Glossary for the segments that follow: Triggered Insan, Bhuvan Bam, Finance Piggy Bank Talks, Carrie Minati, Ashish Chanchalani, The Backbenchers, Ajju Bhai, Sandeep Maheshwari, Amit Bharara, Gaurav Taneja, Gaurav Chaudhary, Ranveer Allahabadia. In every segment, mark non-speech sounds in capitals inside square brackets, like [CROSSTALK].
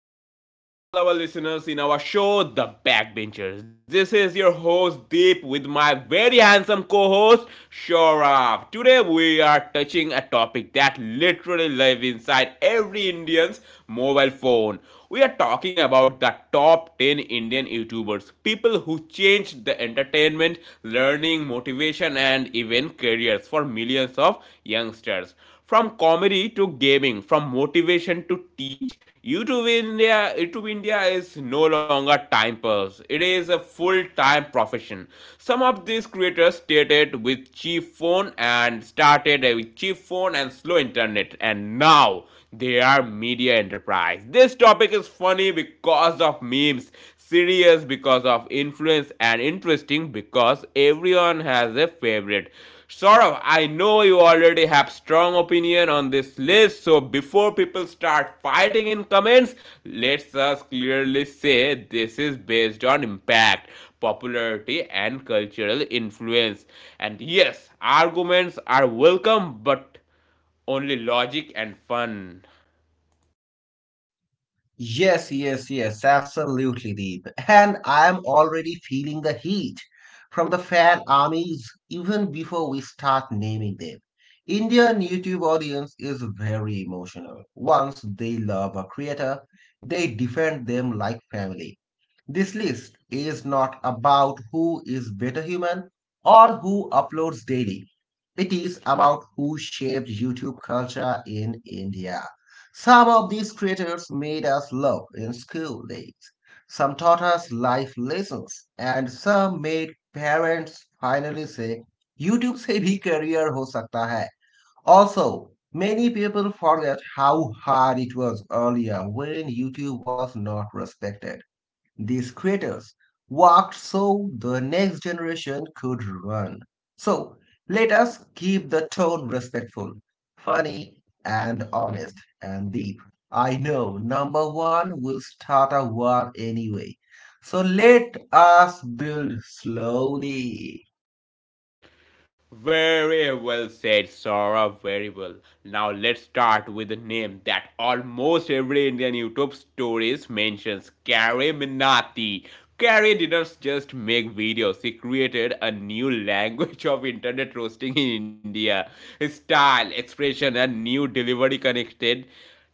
welcome back to all our listeners in our show, The Backbenchers. This is your host Deep with my very handsome co-host Shorab. Today we are touching a topic that literally lives inside every Indian's mobile phone. We are talking about the top 10 Indian YouTubers, people who changed the entertainment, learning, motivation, and even careers for millions of youngsters. From comedy to gaming, from motivation to teach, YouTube India is no longer time pass. It is a full-time profession. Some of these creators started with cheap phone and slow internet, and now they are media enterprise. This topic is funny because of memes, serious because of influence, and interesting because everyone has a favorite. Saurav, I know you already have strong opinion on this list, so before people start fighting in comments, let's us clearly say this is based on impact, popularity, and cultural influence. And yes, arguments are welcome, but only logic and fun. Yes, yes, yes, absolutely, Deep. And I am already feeling the heat from the fan armies even before we start naming them. Indian YouTube audience is very emotional. Once they love a creator, they defend them like family. This list is not about who is better human or who uploads daily. It is about who shaped YouTube culture in India. Some of these creators made us laugh in school days. Some taught us life lessons and some made parents finally say YouTube से भी career हो सकता है. Also, many people forget how hard it was earlier when YouTube was not respected. These creators worked so the next generation could run. So let us keep the tone respectful, funny, and honest and deep. I know number one will start a war anyway. So let us build slowly. Very well said, Sora. Very well. Now let's start with a name that almost every Indian YouTube stories mentions Carrie Minati. Carrie didn't just make videos, she created a new language of internet roasting in India. His style, expression, and new delivery connected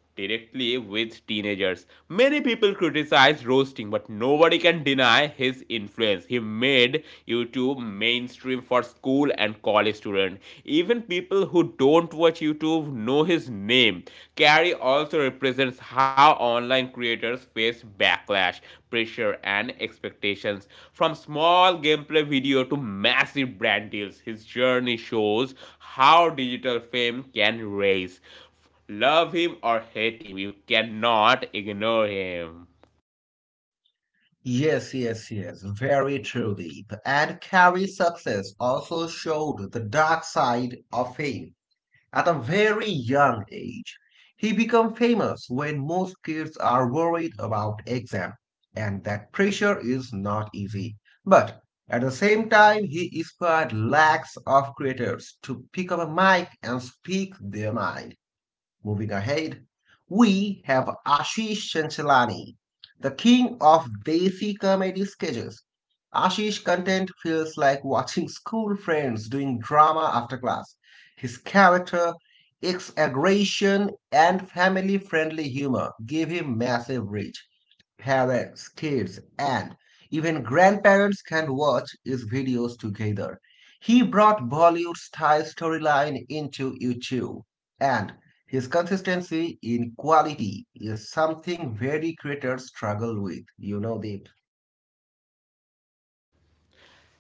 directly with teenagers. Many people criticize roasting, but nobody can deny his influence. He made YouTube mainstream for school and college students. Even people who don't watch YouTube know his name. Carrie also represents how online creators face backlash. Pressure and expectations from small gameplay video to massive brand deals. His journey shows how digital fame can raise. Love him or hate him, you cannot ignore him. Yes, yes, yes, very truly. And Carrie's success also showed the dark side of fame. At a very young age, he became famous when most kids are worried about exam, and that pressure is not easy. But at the same time, he inspired lakhs of creators to pick up a mic and speak their mind. Moving ahead, we have Ashish Chanchalani, the king of Desi comedy sketches. Ashish content feels like watching school friends doing drama after class. His character, exaggeration, and family friendly humor give him massive reach. Parents, kids, and even grandparents can watch his videos together. He brought Bollywood's Thai storyline into YouTube, and his consistency in quality is something very creators struggle with. You know, Deep.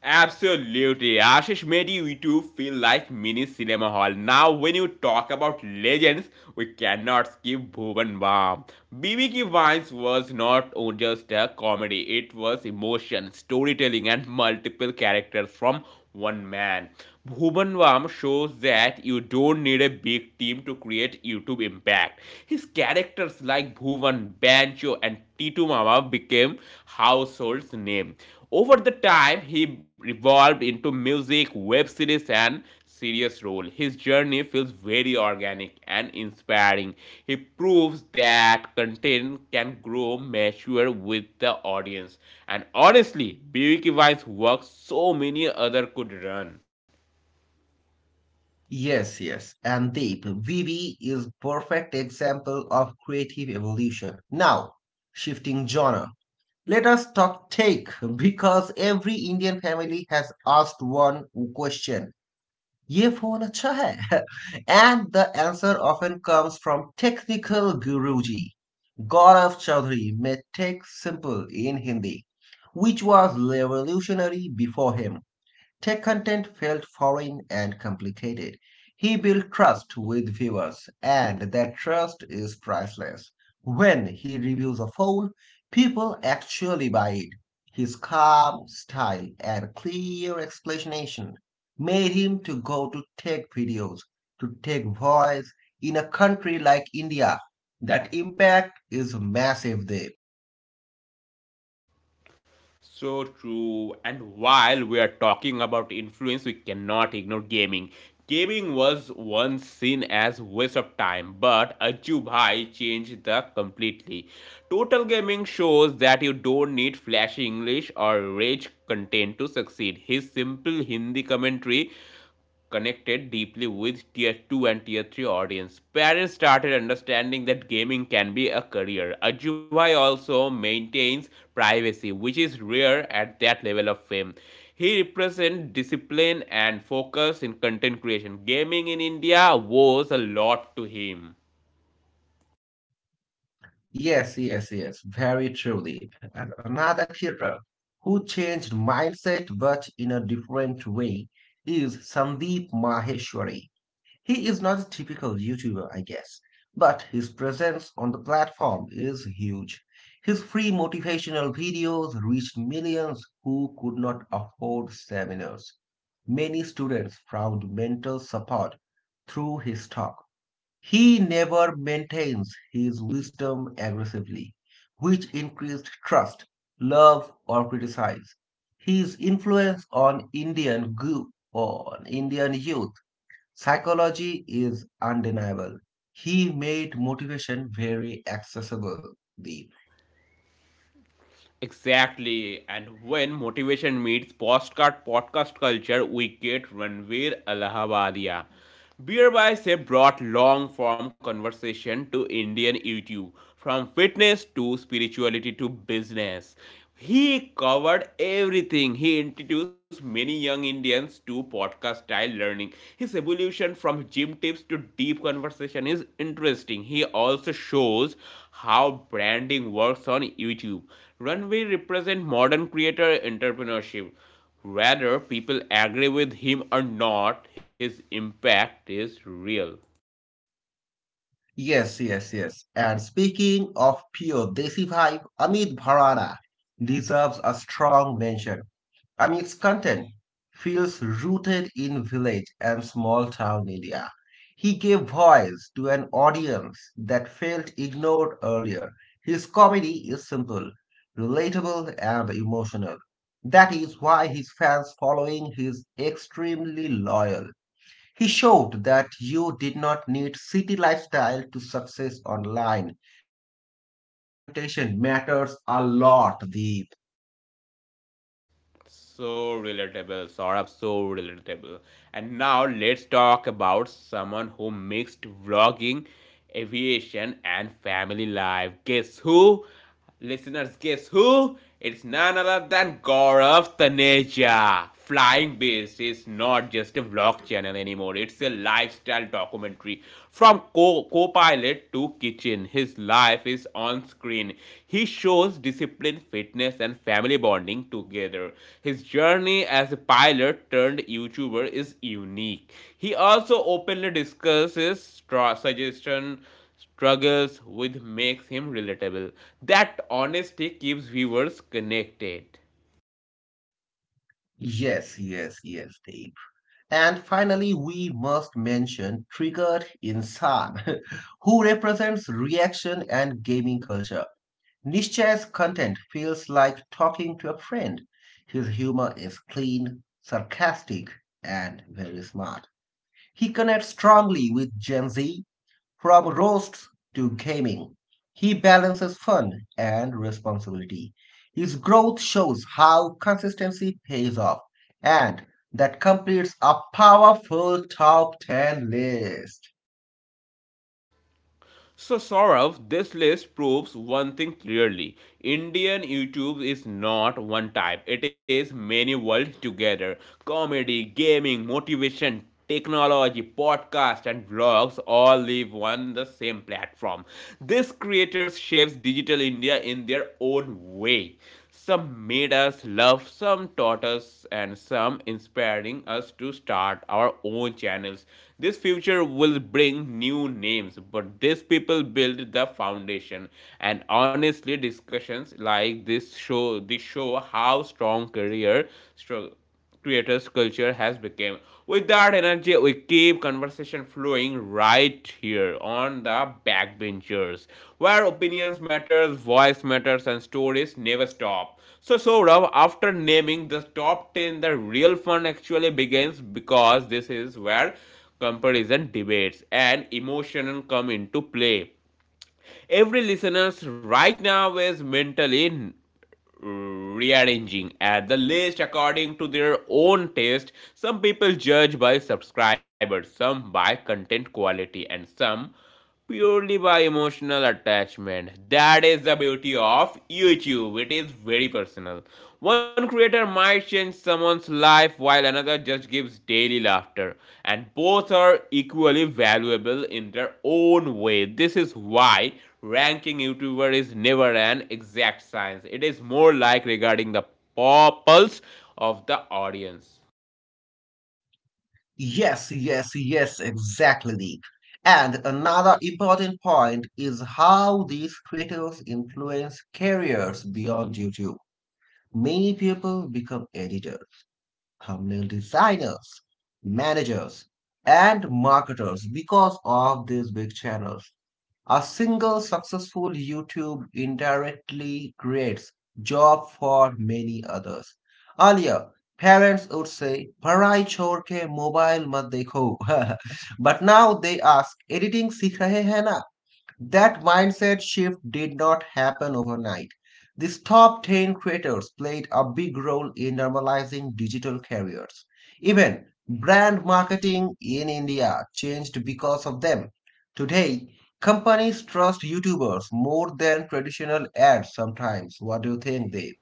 Absolutely, Ashish made you two feel like mini cinema hall. Now, when you talk about legends, we cannot skip Bhuvan Bam. BBQ Vines was not just a comedy, it was emotion, storytelling, and multiple characters from one man. Bhuvan Bam shows that you don't need a big team to create YouTube impact. His characters like Bhuvan, Banjo, and t 2 Mama became household name. Over the time, he evolved into music, web series, and serious role. His journey feels very organic and inspiring. He proves that content can grow, mature with the audience. And honestly, BBK Vine's work so many other could run. Yes, yes. And Deep, VB is perfect example of creative evolution. Now, shifting genre. Let us talk take because every Indian family has asked one question ये phone अच्छा है [LAUGHS] And the answer often comes from technical guruji Gaurav Chaudhary. Made tech simple in Hindi, which was revolutionary before him. Tech content felt foreign and complicated. He built trust with viewers, and that trust is priceless. When he reviews a phone, people actually buy it. His calm style and clear explanation made him to go to tech videos, to tech voice in a country like India. That impact is massive there. So true. And while we are talking about influence, we cannot ignore gaming. Gaming was once seen as waste of time, but Ajju Bhai changed that completely. Total gaming shows that you don't need flashy English or rich content to succeed. His simple Hindi commentary connected deeply with tier 2 and tier 3 audience. Parents started understanding that gaming can be a career. Ajubai also maintains privacy, which is rare at that level of fame. He represents discipline and focus in content creation. Gaming in India was a lot to him. Yes, yes, yes, very truly. And another hero who changed mindset but in a different way is Sandeep Maheshwari. He is not a typical YouTuber, I guess, but his presence on the platform is huge. His free motivational videos reached millions who could not afford seminars. Many students found mental support through his talk. He never maintains his wisdom aggressively, which increased trust, love, or criticize. His influence on Indian youth psychology is undeniable. He made motivation very accessible. Deep. Exactly. And when motivation meets postcard podcast culture, we get Ranveer Allahabadia. Beer by Se brought long form conversation to Indian YouTube, from fitness to spirituality to business. He covered everything. He introduced many young Indians to podcast style learning. His evolution from gym tips to deep conversation is interesting. He also shows how branding works on YouTube. Runway represent modern creator entrepreneurship. Whether people agree with him or not, his impact is real. Yes, yes, yes. And speaking of pure Desi vibe, Amit Bharara deserves a strong mention. I mean, its content feels rooted in village and small town India. He gave voice to an audience that felt ignored earlier. His comedy is simple, relatable, and emotional. That is why his fans following is extremely loyal. He showed that you did not need city lifestyle to success online. That representation matters a lot, Deep. So relatable, Saurabh, so relatable. And now let's talk about someone who mixed vlogging, aviation, and family life. Guess who? Listeners, guess who? It's none other than Gaurav Taneja Flying Base is not just a vlog channel anymore, it's a lifestyle documentary. From co pilot to kitchen, his life is on screen. He shows discipline, fitness, and family bonding together. His journey as a pilot turned YouTuber is unique. He also openly discusses stra- suggestion struggles with makes him relatable. That honesty keeps viewers connected. Yes, yes, yes, Deep. And finally, we must mention Triggered Insan, [LAUGHS] who represents reaction and gaming culture. Nishchay's content feels like talking to a friend. His humor is clean, sarcastic, and very smart. He connects strongly with Gen Z. From roasts to gaming, he balances fun and responsibility. His growth shows how consistency pays off, and that completes a powerful top 10 list. So, Saurav, this list proves one thing clearly Indian YouTube is not one type, it is many worlds together comedy, gaming, motivation. Technology, podcast, and vlogs all live on the same platform. These creators shapes digital India in their own way. Some made us love, some taught us, and some inspiring us to start our own channels. This future will bring new names, but these people build the foundation. And honestly, discussions like this show how strong career struggle creators culture has become with that energy we keep conversation flowing right here on the backbenchers where opinions matters voice matters and stories never stop so Saurav, after naming the top 10 the real fun actually begins because this is where comparison debates and emotion come into play every listeners right now is mentally rearranging at the list according to their own taste. Some people judge by subscribers, some by content quality, and some purely by emotional attachment. That is the beauty of YouTube. It is very personal. One creator might change someone's life while another just gives daily laughter, and both are equally valuable in their own way. This is why ranking YouTuber is never an exact science. It is more like regarding the pulse of the audience. Yes, yes, yes, exactly, Deep. And another important point is how these creators influence careers beyond YouTube. Many people become editors, thumbnail designers, managers, and marketers because of these big channels. A single successful YouTube indirectly creates job for many others. Earlier, parents would say, "पढ़ाई छोड़ ke mobile mat dekho," [LAUGHS] but now they ask, "editing सीख रहे हैं ना?" That mindset shift did not happen overnight. These top 10 creators played a big role in normalizing digital careers. Even brand marketing in India changed because of them. Today, companies trust YouTubers more than traditional ads sometimes. What do you think, Dave?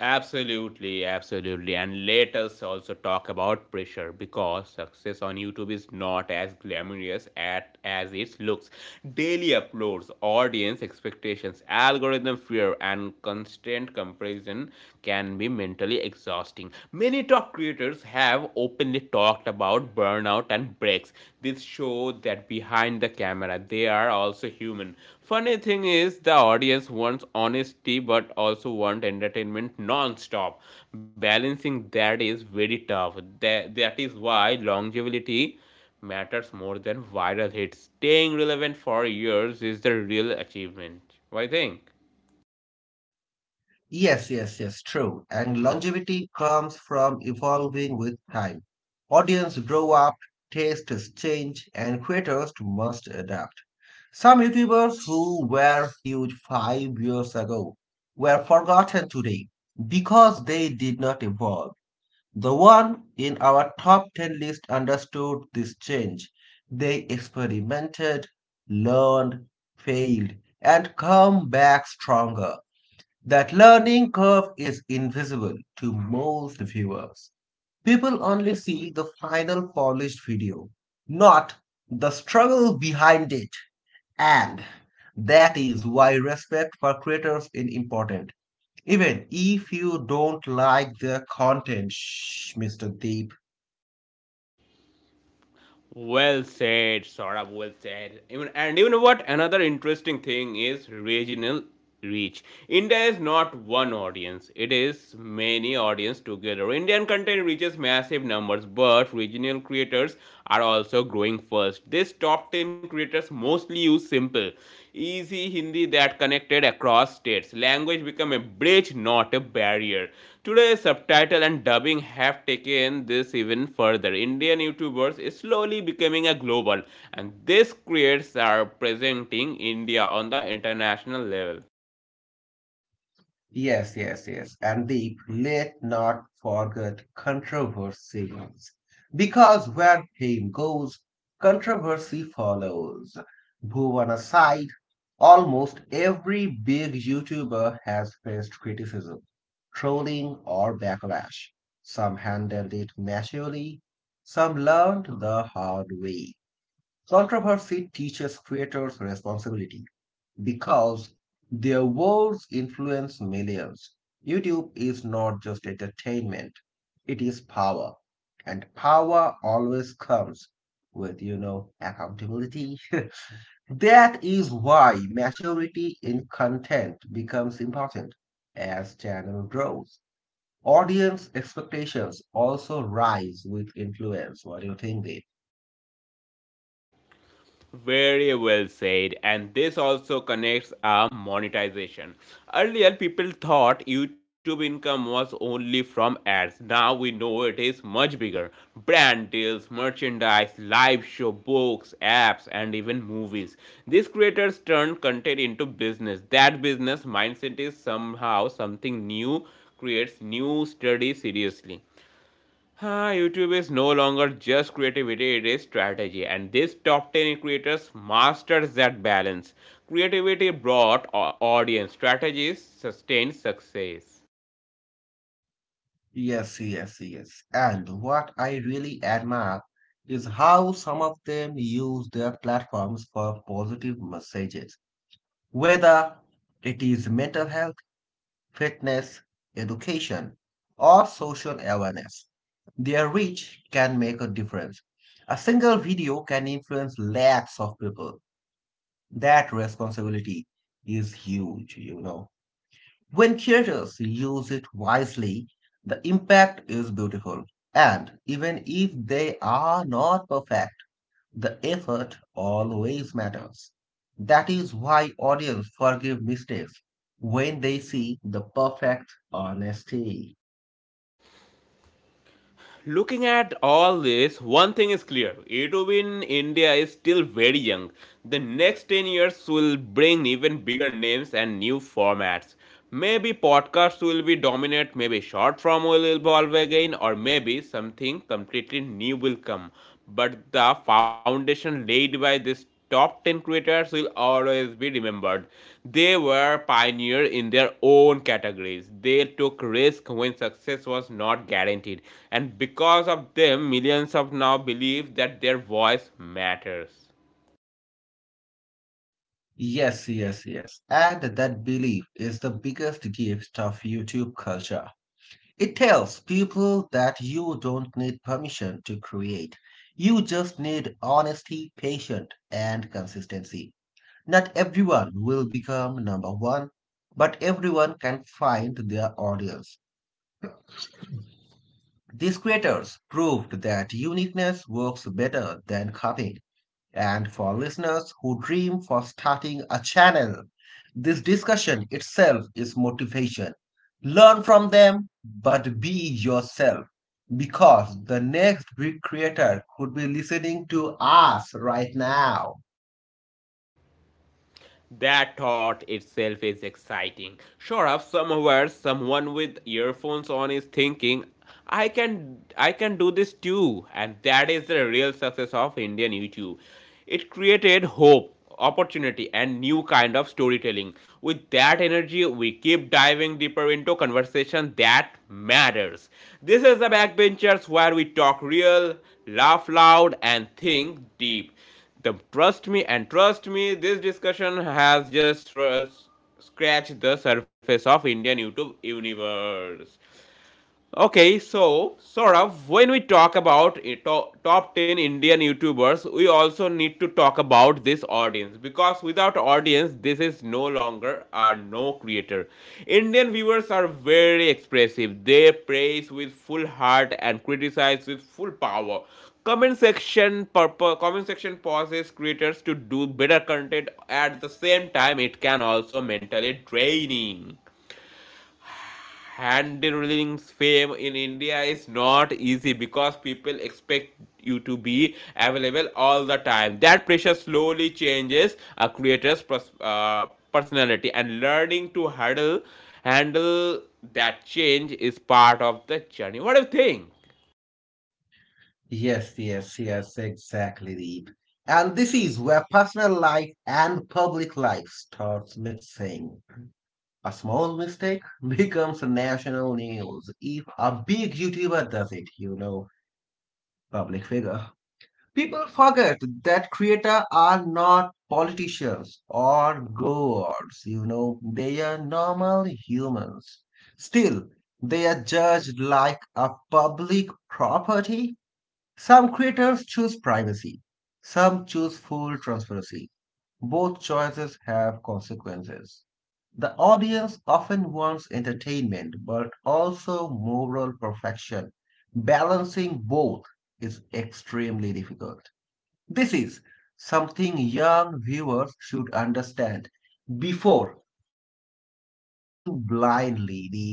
Absolutely, absolutely. And let us also talk about pressure because success on YouTube is not as glamorous as it looks. Daily uploads, audience expectations, algorithm fear, and constant comparison can be mentally exhausting. Many top creators have openly talked about burnout and breaks. This show that behind the camera they are also human. Funny thing is the audience wants honesty but also want entertainment non-stop. Balancing that is very tough. That is why longevity matters more than viral hits. Staying relevant for years is the real achievement. What do you think? Yes, yes, yes, true. And longevity comes from evolving with time. Audience grow up, tastes change, and creators must adapt. Some YouTubers who were huge 5 years ago were forgotten today because they did not evolve. The one in our top 10 list understood this change. They experimented, learned, failed, and come back stronger. That learning curve is invisible to most viewers. People only see the final polished video, not the struggle behind it. And that is why respect for creators is important. Even if you don't like their content, shh, Mr. Deep. Well said, Saurabh. Well said. Even and even what another interesting thing is regional reach. India is not one audience; it is many audience together. Indian content reaches massive numbers, but regional creators are also growing fast. These top 10 creators mostly use simple, easy Hindi that connected across states. Language become a bridge, not a barrier. Today, subtitle and dubbing have taken this even further. Indian YouTubers is slowly becoming a global, and these creators are presenting India on the international level. Yes, yes, yes. And the let not forget controversies. Because where fame goes, controversy follows. Bhuvan aside, almost every big YouTuber has faced criticism, trolling, or backlash. Some handled it maturely, some learned the hard way. Controversy teaches creators responsibility because their words influence millions. YouTube is not just entertainment, it is power. And power always comes with, accountability. [LAUGHS] That is why maturity in content becomes important as channel grows. Audience expectations also rise with influence. What do you think, babe? Very well said. And this also connects our monetization. Earlier, people thought YouTube income was only from ads. Now we know it is much bigger. Brand deals, merchandise, live show, books, apps, and even movies. These creators turn content into business. That business mindset is somehow something new creates new study seriously. Ah, YouTube is no longer just creativity, it is strategy. And these top 10 creators masters that balance. Creativity brought audience, strategies sustained success. Yes, yes, yes. And what I really admire is how some of them use their platforms for positive messages, whether it is mental health, fitness, education, or social awareness. Their reach can make a difference. A single video can influence lakhs of people. That responsibility is huge. When creators use it wisely, the impact is beautiful. And even if they are not perfect, the effort always matters. That is why audience forgive mistakes when they see the perfect honesty. Looking at all this, one thing is clear. YouTube in India is still very young. The next 10 years will bring even bigger names and new formats. Maybe podcasts will be dominant, maybe short form will evolve again, or maybe something completely new will come. But the foundation laid by these top 10 creators will always be remembered. They were pioneers in their own categories. They took risk when success was not guaranteed, and because of them, millions of now believe that their voice matters. Yes, yes, yes. And that belief is the biggest gift of YouTube culture. It tells people that you don't need permission to create. You just need honesty, patience, and consistency. Not everyone will become number one, but everyone can find their audience. These creators proved that uniqueness works better than copying and for listeners who dream for starting a channel. This discussion itself is motivation. Learn from them, but be yourself because the next big creator could be listening to us right now. That thought itself is exciting. Sure up somewhere someone with earphones on is thinking, I can do this too. And that is the real success of Indian YouTube. It created hope, opportunity and new kind of storytelling. With that energy, we keep diving deeper into conversation that matters. This is the backbenchers where we talk real, laugh loud and think deep. The trust me and trust me, this discussion has just scratched the surface of Indian YouTube universe. Okay, so Saurav, when we talk about top 10 Indian YouTubers, we also need to talk about this audience because without audience, this is no longer a no creator. Indian viewers are very expressive. They praise with full heart and criticize with full power. Comment section pauses creators to do better content at the same time it can also mentally draining handling's fame in India is not easy because people expect you to be available all the time. That pressure slowly changes a creator's personality, and learning to handle handle that change is part of the journey. What do you think? Yes, yes, yes, exactly, Deep. And this is where personal life and public life starts mixing. A small mistake [LAUGHS] becomes national news if a big YouTuber does it. Public figure. People forget that creators are not politicians or gods, they are normal humans. Still, they are judged like a public property. Some creators choose privacy, some choose full transparency. Both choices have consequences. The audience often wants entertainment but also moral perfection. Balancing both is extremely difficult. This is something young viewers should understand before idealizing blindly. Deep.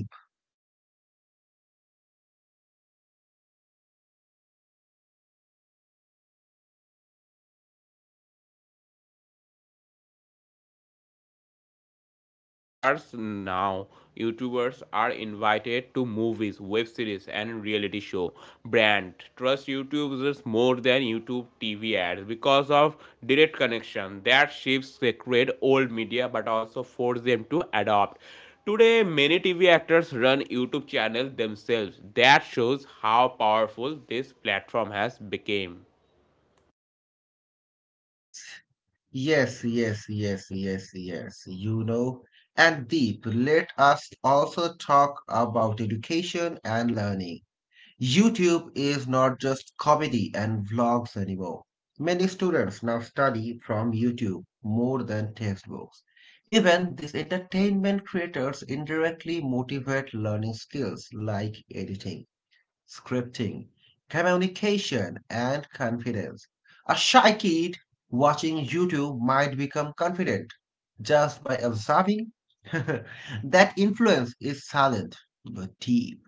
And you know what? Another interesting angle is how YouTuber is changed traditional media. Earlier, TV celebrities were the ultimate stars. Now, YouTubers are invited to movies, web series, and reality show. Brand trust YouTubers more than YouTube TV ads because of direct connection. That shifts the create old media, but also force them to adopt. Today, many TV actors run YouTube channels themselves. That shows how powerful this platform has become. Yes, yes, yes, yes, yes. And Deep, let us also talk about education and learning. YouTube is not just comedy and vlogs anymore. Many students now study from YouTube more than textbooks. Even these entertainment creators indirectly motivate learning skills like editing, scripting, communication, and confidence. A shy kid watching YouTube might become confident just by observing. [LAUGHS] That influence is silent but deep.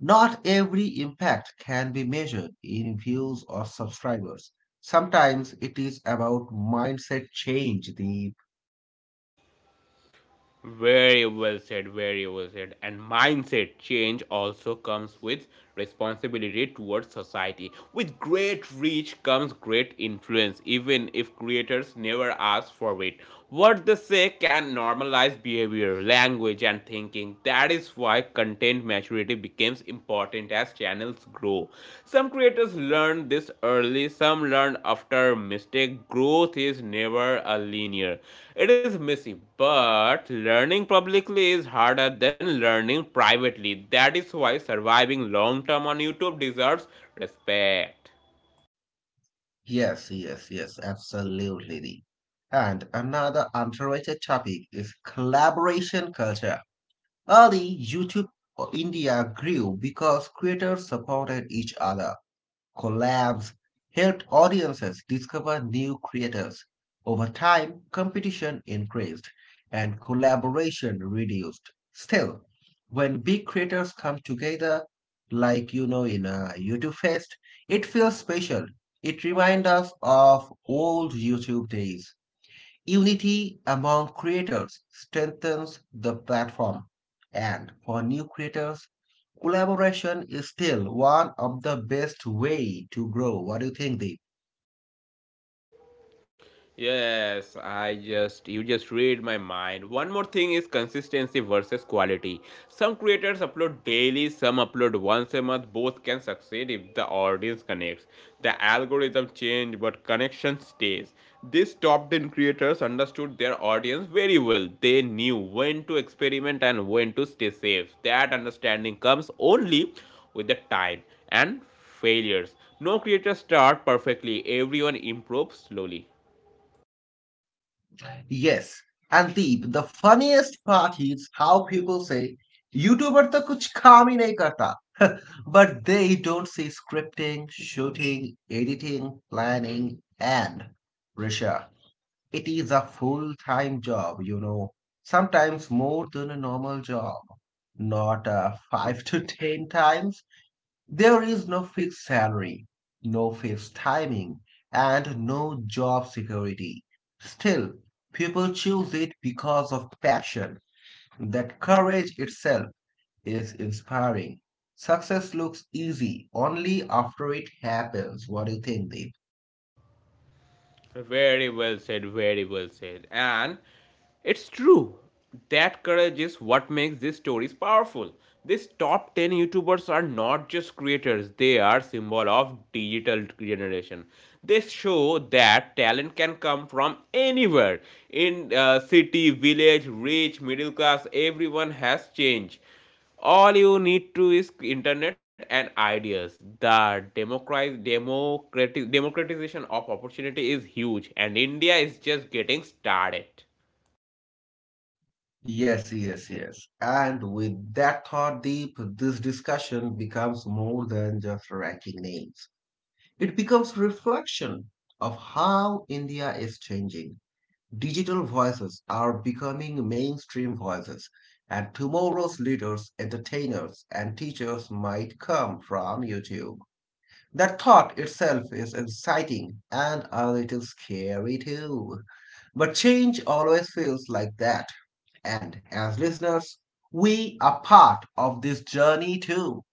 Not every impact can be measured in views or subscribers. Sometimes it is about mindset change, Deep. Very well said, very well said. And mindset change also comes with responsibility towards society. With great reach comes great influence, even if creators never ask for it. What they say can normalize behavior, language, and thinking. That is why content maturity creativity becomes important as channels grow. Some creators learn this early, some learn after mistake. Growth is never a linear. It is messy, but learning publicly is harder than learning privately. That is why surviving long term on YouTube deserves respect. Yes, yes, yes, absolutely, Deep. And another underrated topic is collaboration culture. Early YouTube India grew because creators supported each other. Collabs helped audiences discover new creators. Over time, competition increased and collaboration reduced. Still, when big creators come together, like in a YouTube Fest, it feels special. It reminds us of old YouTube days. Unity among creators strengthens the platform, and for new creators, collaboration is still one of the best way to grow. What do you think, Deep? Yes, I just you just read my mind. One more thing is consistency versus quality. Some creators upload daily, some upload once a month. Both can succeed if the audience connects. The algorithm change but connection stays. These top-ten creators understood their audience very well. They knew when to experiment and when to stay safe. That understanding comes only with the time and failures. No creator start perfectly. Everyone improves slowly. Yes. And Deep, the funniest part is how people say, "YouTuber तो कुछ काम ही नहीं करता." [LAUGHS] But they don't see scripting, shooting, editing, planning, and Risha. It is a full-time job, sometimes more than a normal job. Not [LAUGHS] five to ten times. There is no fixed salary, no fixed timing, and no job security. Still, people choose it because of passion. That courage itself is inspiring. Success looks easy only after it happens. What do you think, Deep? Very well said, very well said. And it's true. That courage is what makes these stories powerful. These top 10 YouTubers are not just creators, they are symbol of digital generation. They show that talent can come from anywhere. In city, village, rich, middle class, everyone has changed. All you need to is internet and ideas. The democratization of opportunity is huge, and india is just getting started. Yes, yes, yes. And with that thought deep, this discussion becomes more than just ranking names. It becomes reflection of how India is changing. Digital voices are becoming mainstream voices, and tomorrow's leaders, entertainers, and teachers might come from YouTube. That thought itself is exciting and a little scary too. But change always feels like that and as listeners, we are part of this journey too.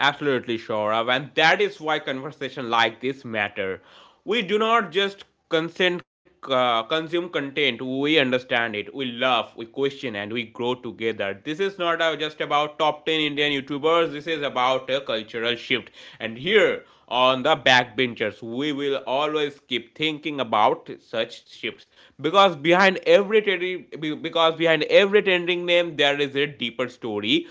Absolutely, Shora, and that is why conversation like this matter. We do not just consume content. We understand it. We love, we question, and we grow together. This is not just about top ten Indian YouTubers. This is about a cultural shift. And here on the backbenchers, we will always keep thinking about such shifts because behind every because behind every trending name, there is a deeper story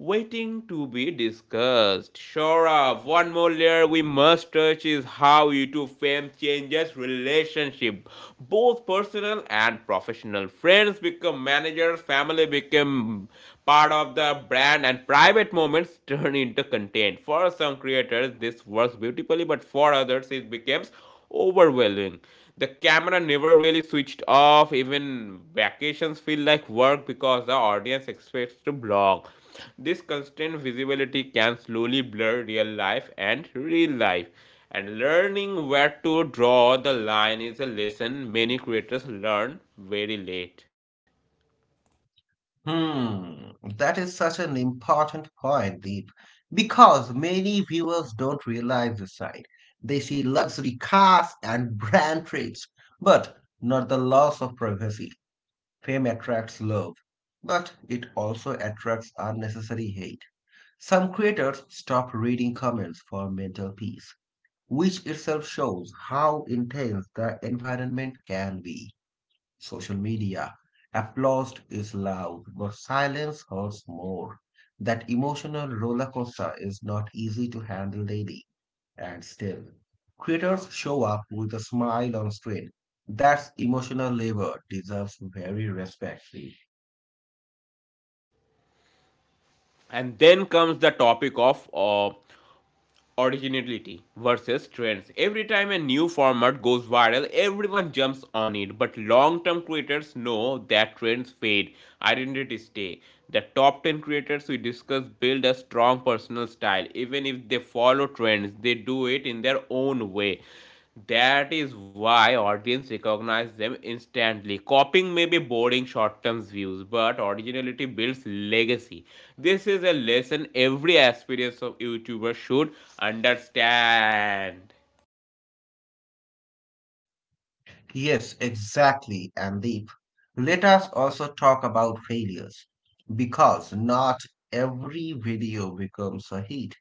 waiting to be discussed. Shora, one more layer we must touch is how YouTube fame changes relationship, both personal and professional. Friends become managers, family become part of the brand, and private moments turn into content. For some creators, this works beautifully, but for others, it becomes overwhelming. The camera never really switched off. Even vacations feel like work because the audience expects to vlog. This constant visibility can slowly blur real life. And learning where to draw the line is a lesson many creators learn very late. Hmm, that is such an important point, Deep, because many viewers don't realize this side. They see luxury cars and brand trips, but not the loss of privacy. Fame attracts love, but it also attracts unnecessary hate. Some creators stop reading comments for mental peace, which itself shows how intense the environment can be. Social media. Applause is loud, but silence hurts more. That emotional roller coaster is not easy to handle daily. And still, creators show up with a smile on screen. That emotional labor deserves very respect. And then comes the topic of originality versus trends. Every time a new format goes viral, everyone jumps on it, but long term creators know that trends fade, identities stay. The top 10 creators we discuss build a strong personal style, even if they follow trends, they do it in their own way. That is why audience recognize them instantly. Copying may be boring short-term views, but originality builds legacy. This is a lesson every aspirant of YouTuber should understand. Yes, exactly, and Deep. Let us also talk about failures because not every video becomes a hit.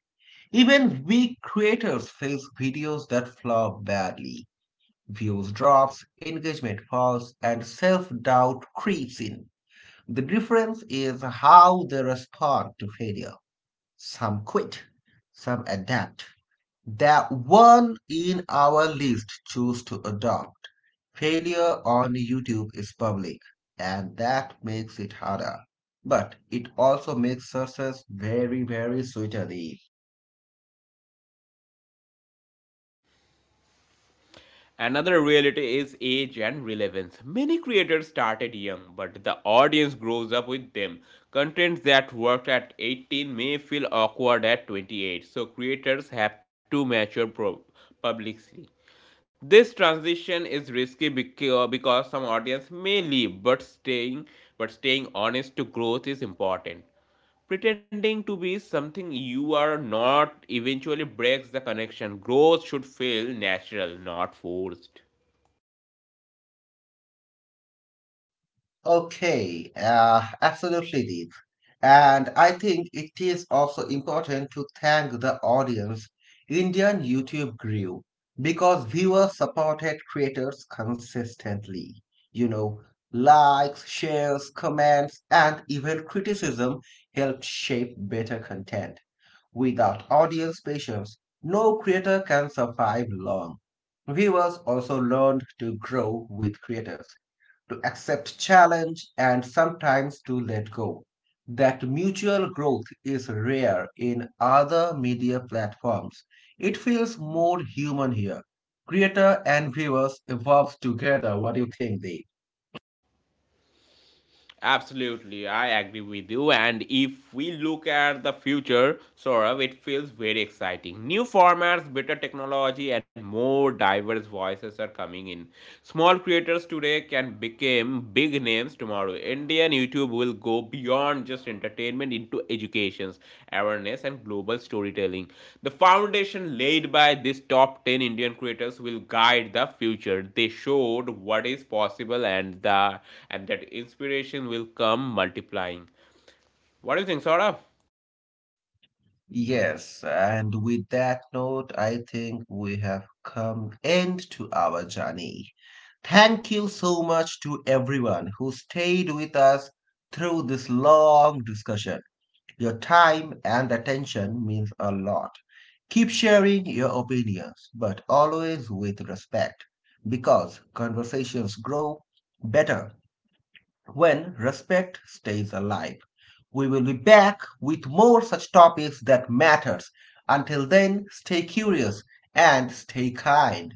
Even weak creators face videos that flop badly. Views drops, engagement falls, and self-doubt creeps in. The difference is how they respond to failure. Some quit, some adapt. That one in our list chose to adopt. Failure on YouTube is public, and that makes it harder. But it also makes success very, very sweeter. Another reality is age and relevance. Many creators started young, but the audience grows up with them. Content that worked at 18 may feel awkward at 28, so creators have to publicly. This transition is risky because some audience may leave, but staying honest to growth is important. Pretending to be something you are not eventually breaks the connection. Growth should feel natural, not forced. Okay, absolutely deep. And I think it is also important to thank the audience. Indian YouTube grew because viewers supported creators consistently. You know, Likes, shares, comments, and even criticism helped shape better content. Without audience patience, no creator can survive long. Viewers also learned to grow with creators to accept challenge and sometimes to let go. That mutual growth is rare in other media platforms. It feels more human here. Creator and viewers evolve together. What do you think, Dave? Absolutely, I agree with you. And if we look at the future, Saurav, it feels very exciting. New formats, better technology, and more diverse voices are coming in. Small creators today can become big names tomorrow. Indian YouTube will to go beyond just entertainment into educations, awareness, and global storytelling. The foundation laid by these top 10 Indian creators will guide the future. They showed what is possible, and that inspiration will come multiplying. What do you think, Saurabh? Yes, and with that note, I think we have come end to our journey. Thank you so much to everyone who stayed with us through this long discussion. Your time and attention means a lot. Keep sharing your opinions, but always with respect, because conversations grow better when respect stays alive. We will be back with more such topics that matters. Until then, stay curious and stay kind.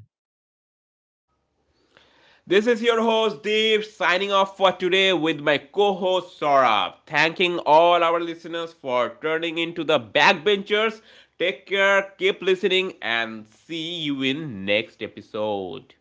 This is your host Deep signing off for today with my co-host Saurabh. Thanking all our listeners for turning into the backbenchers. Take care, keep listening, and see you in next episode.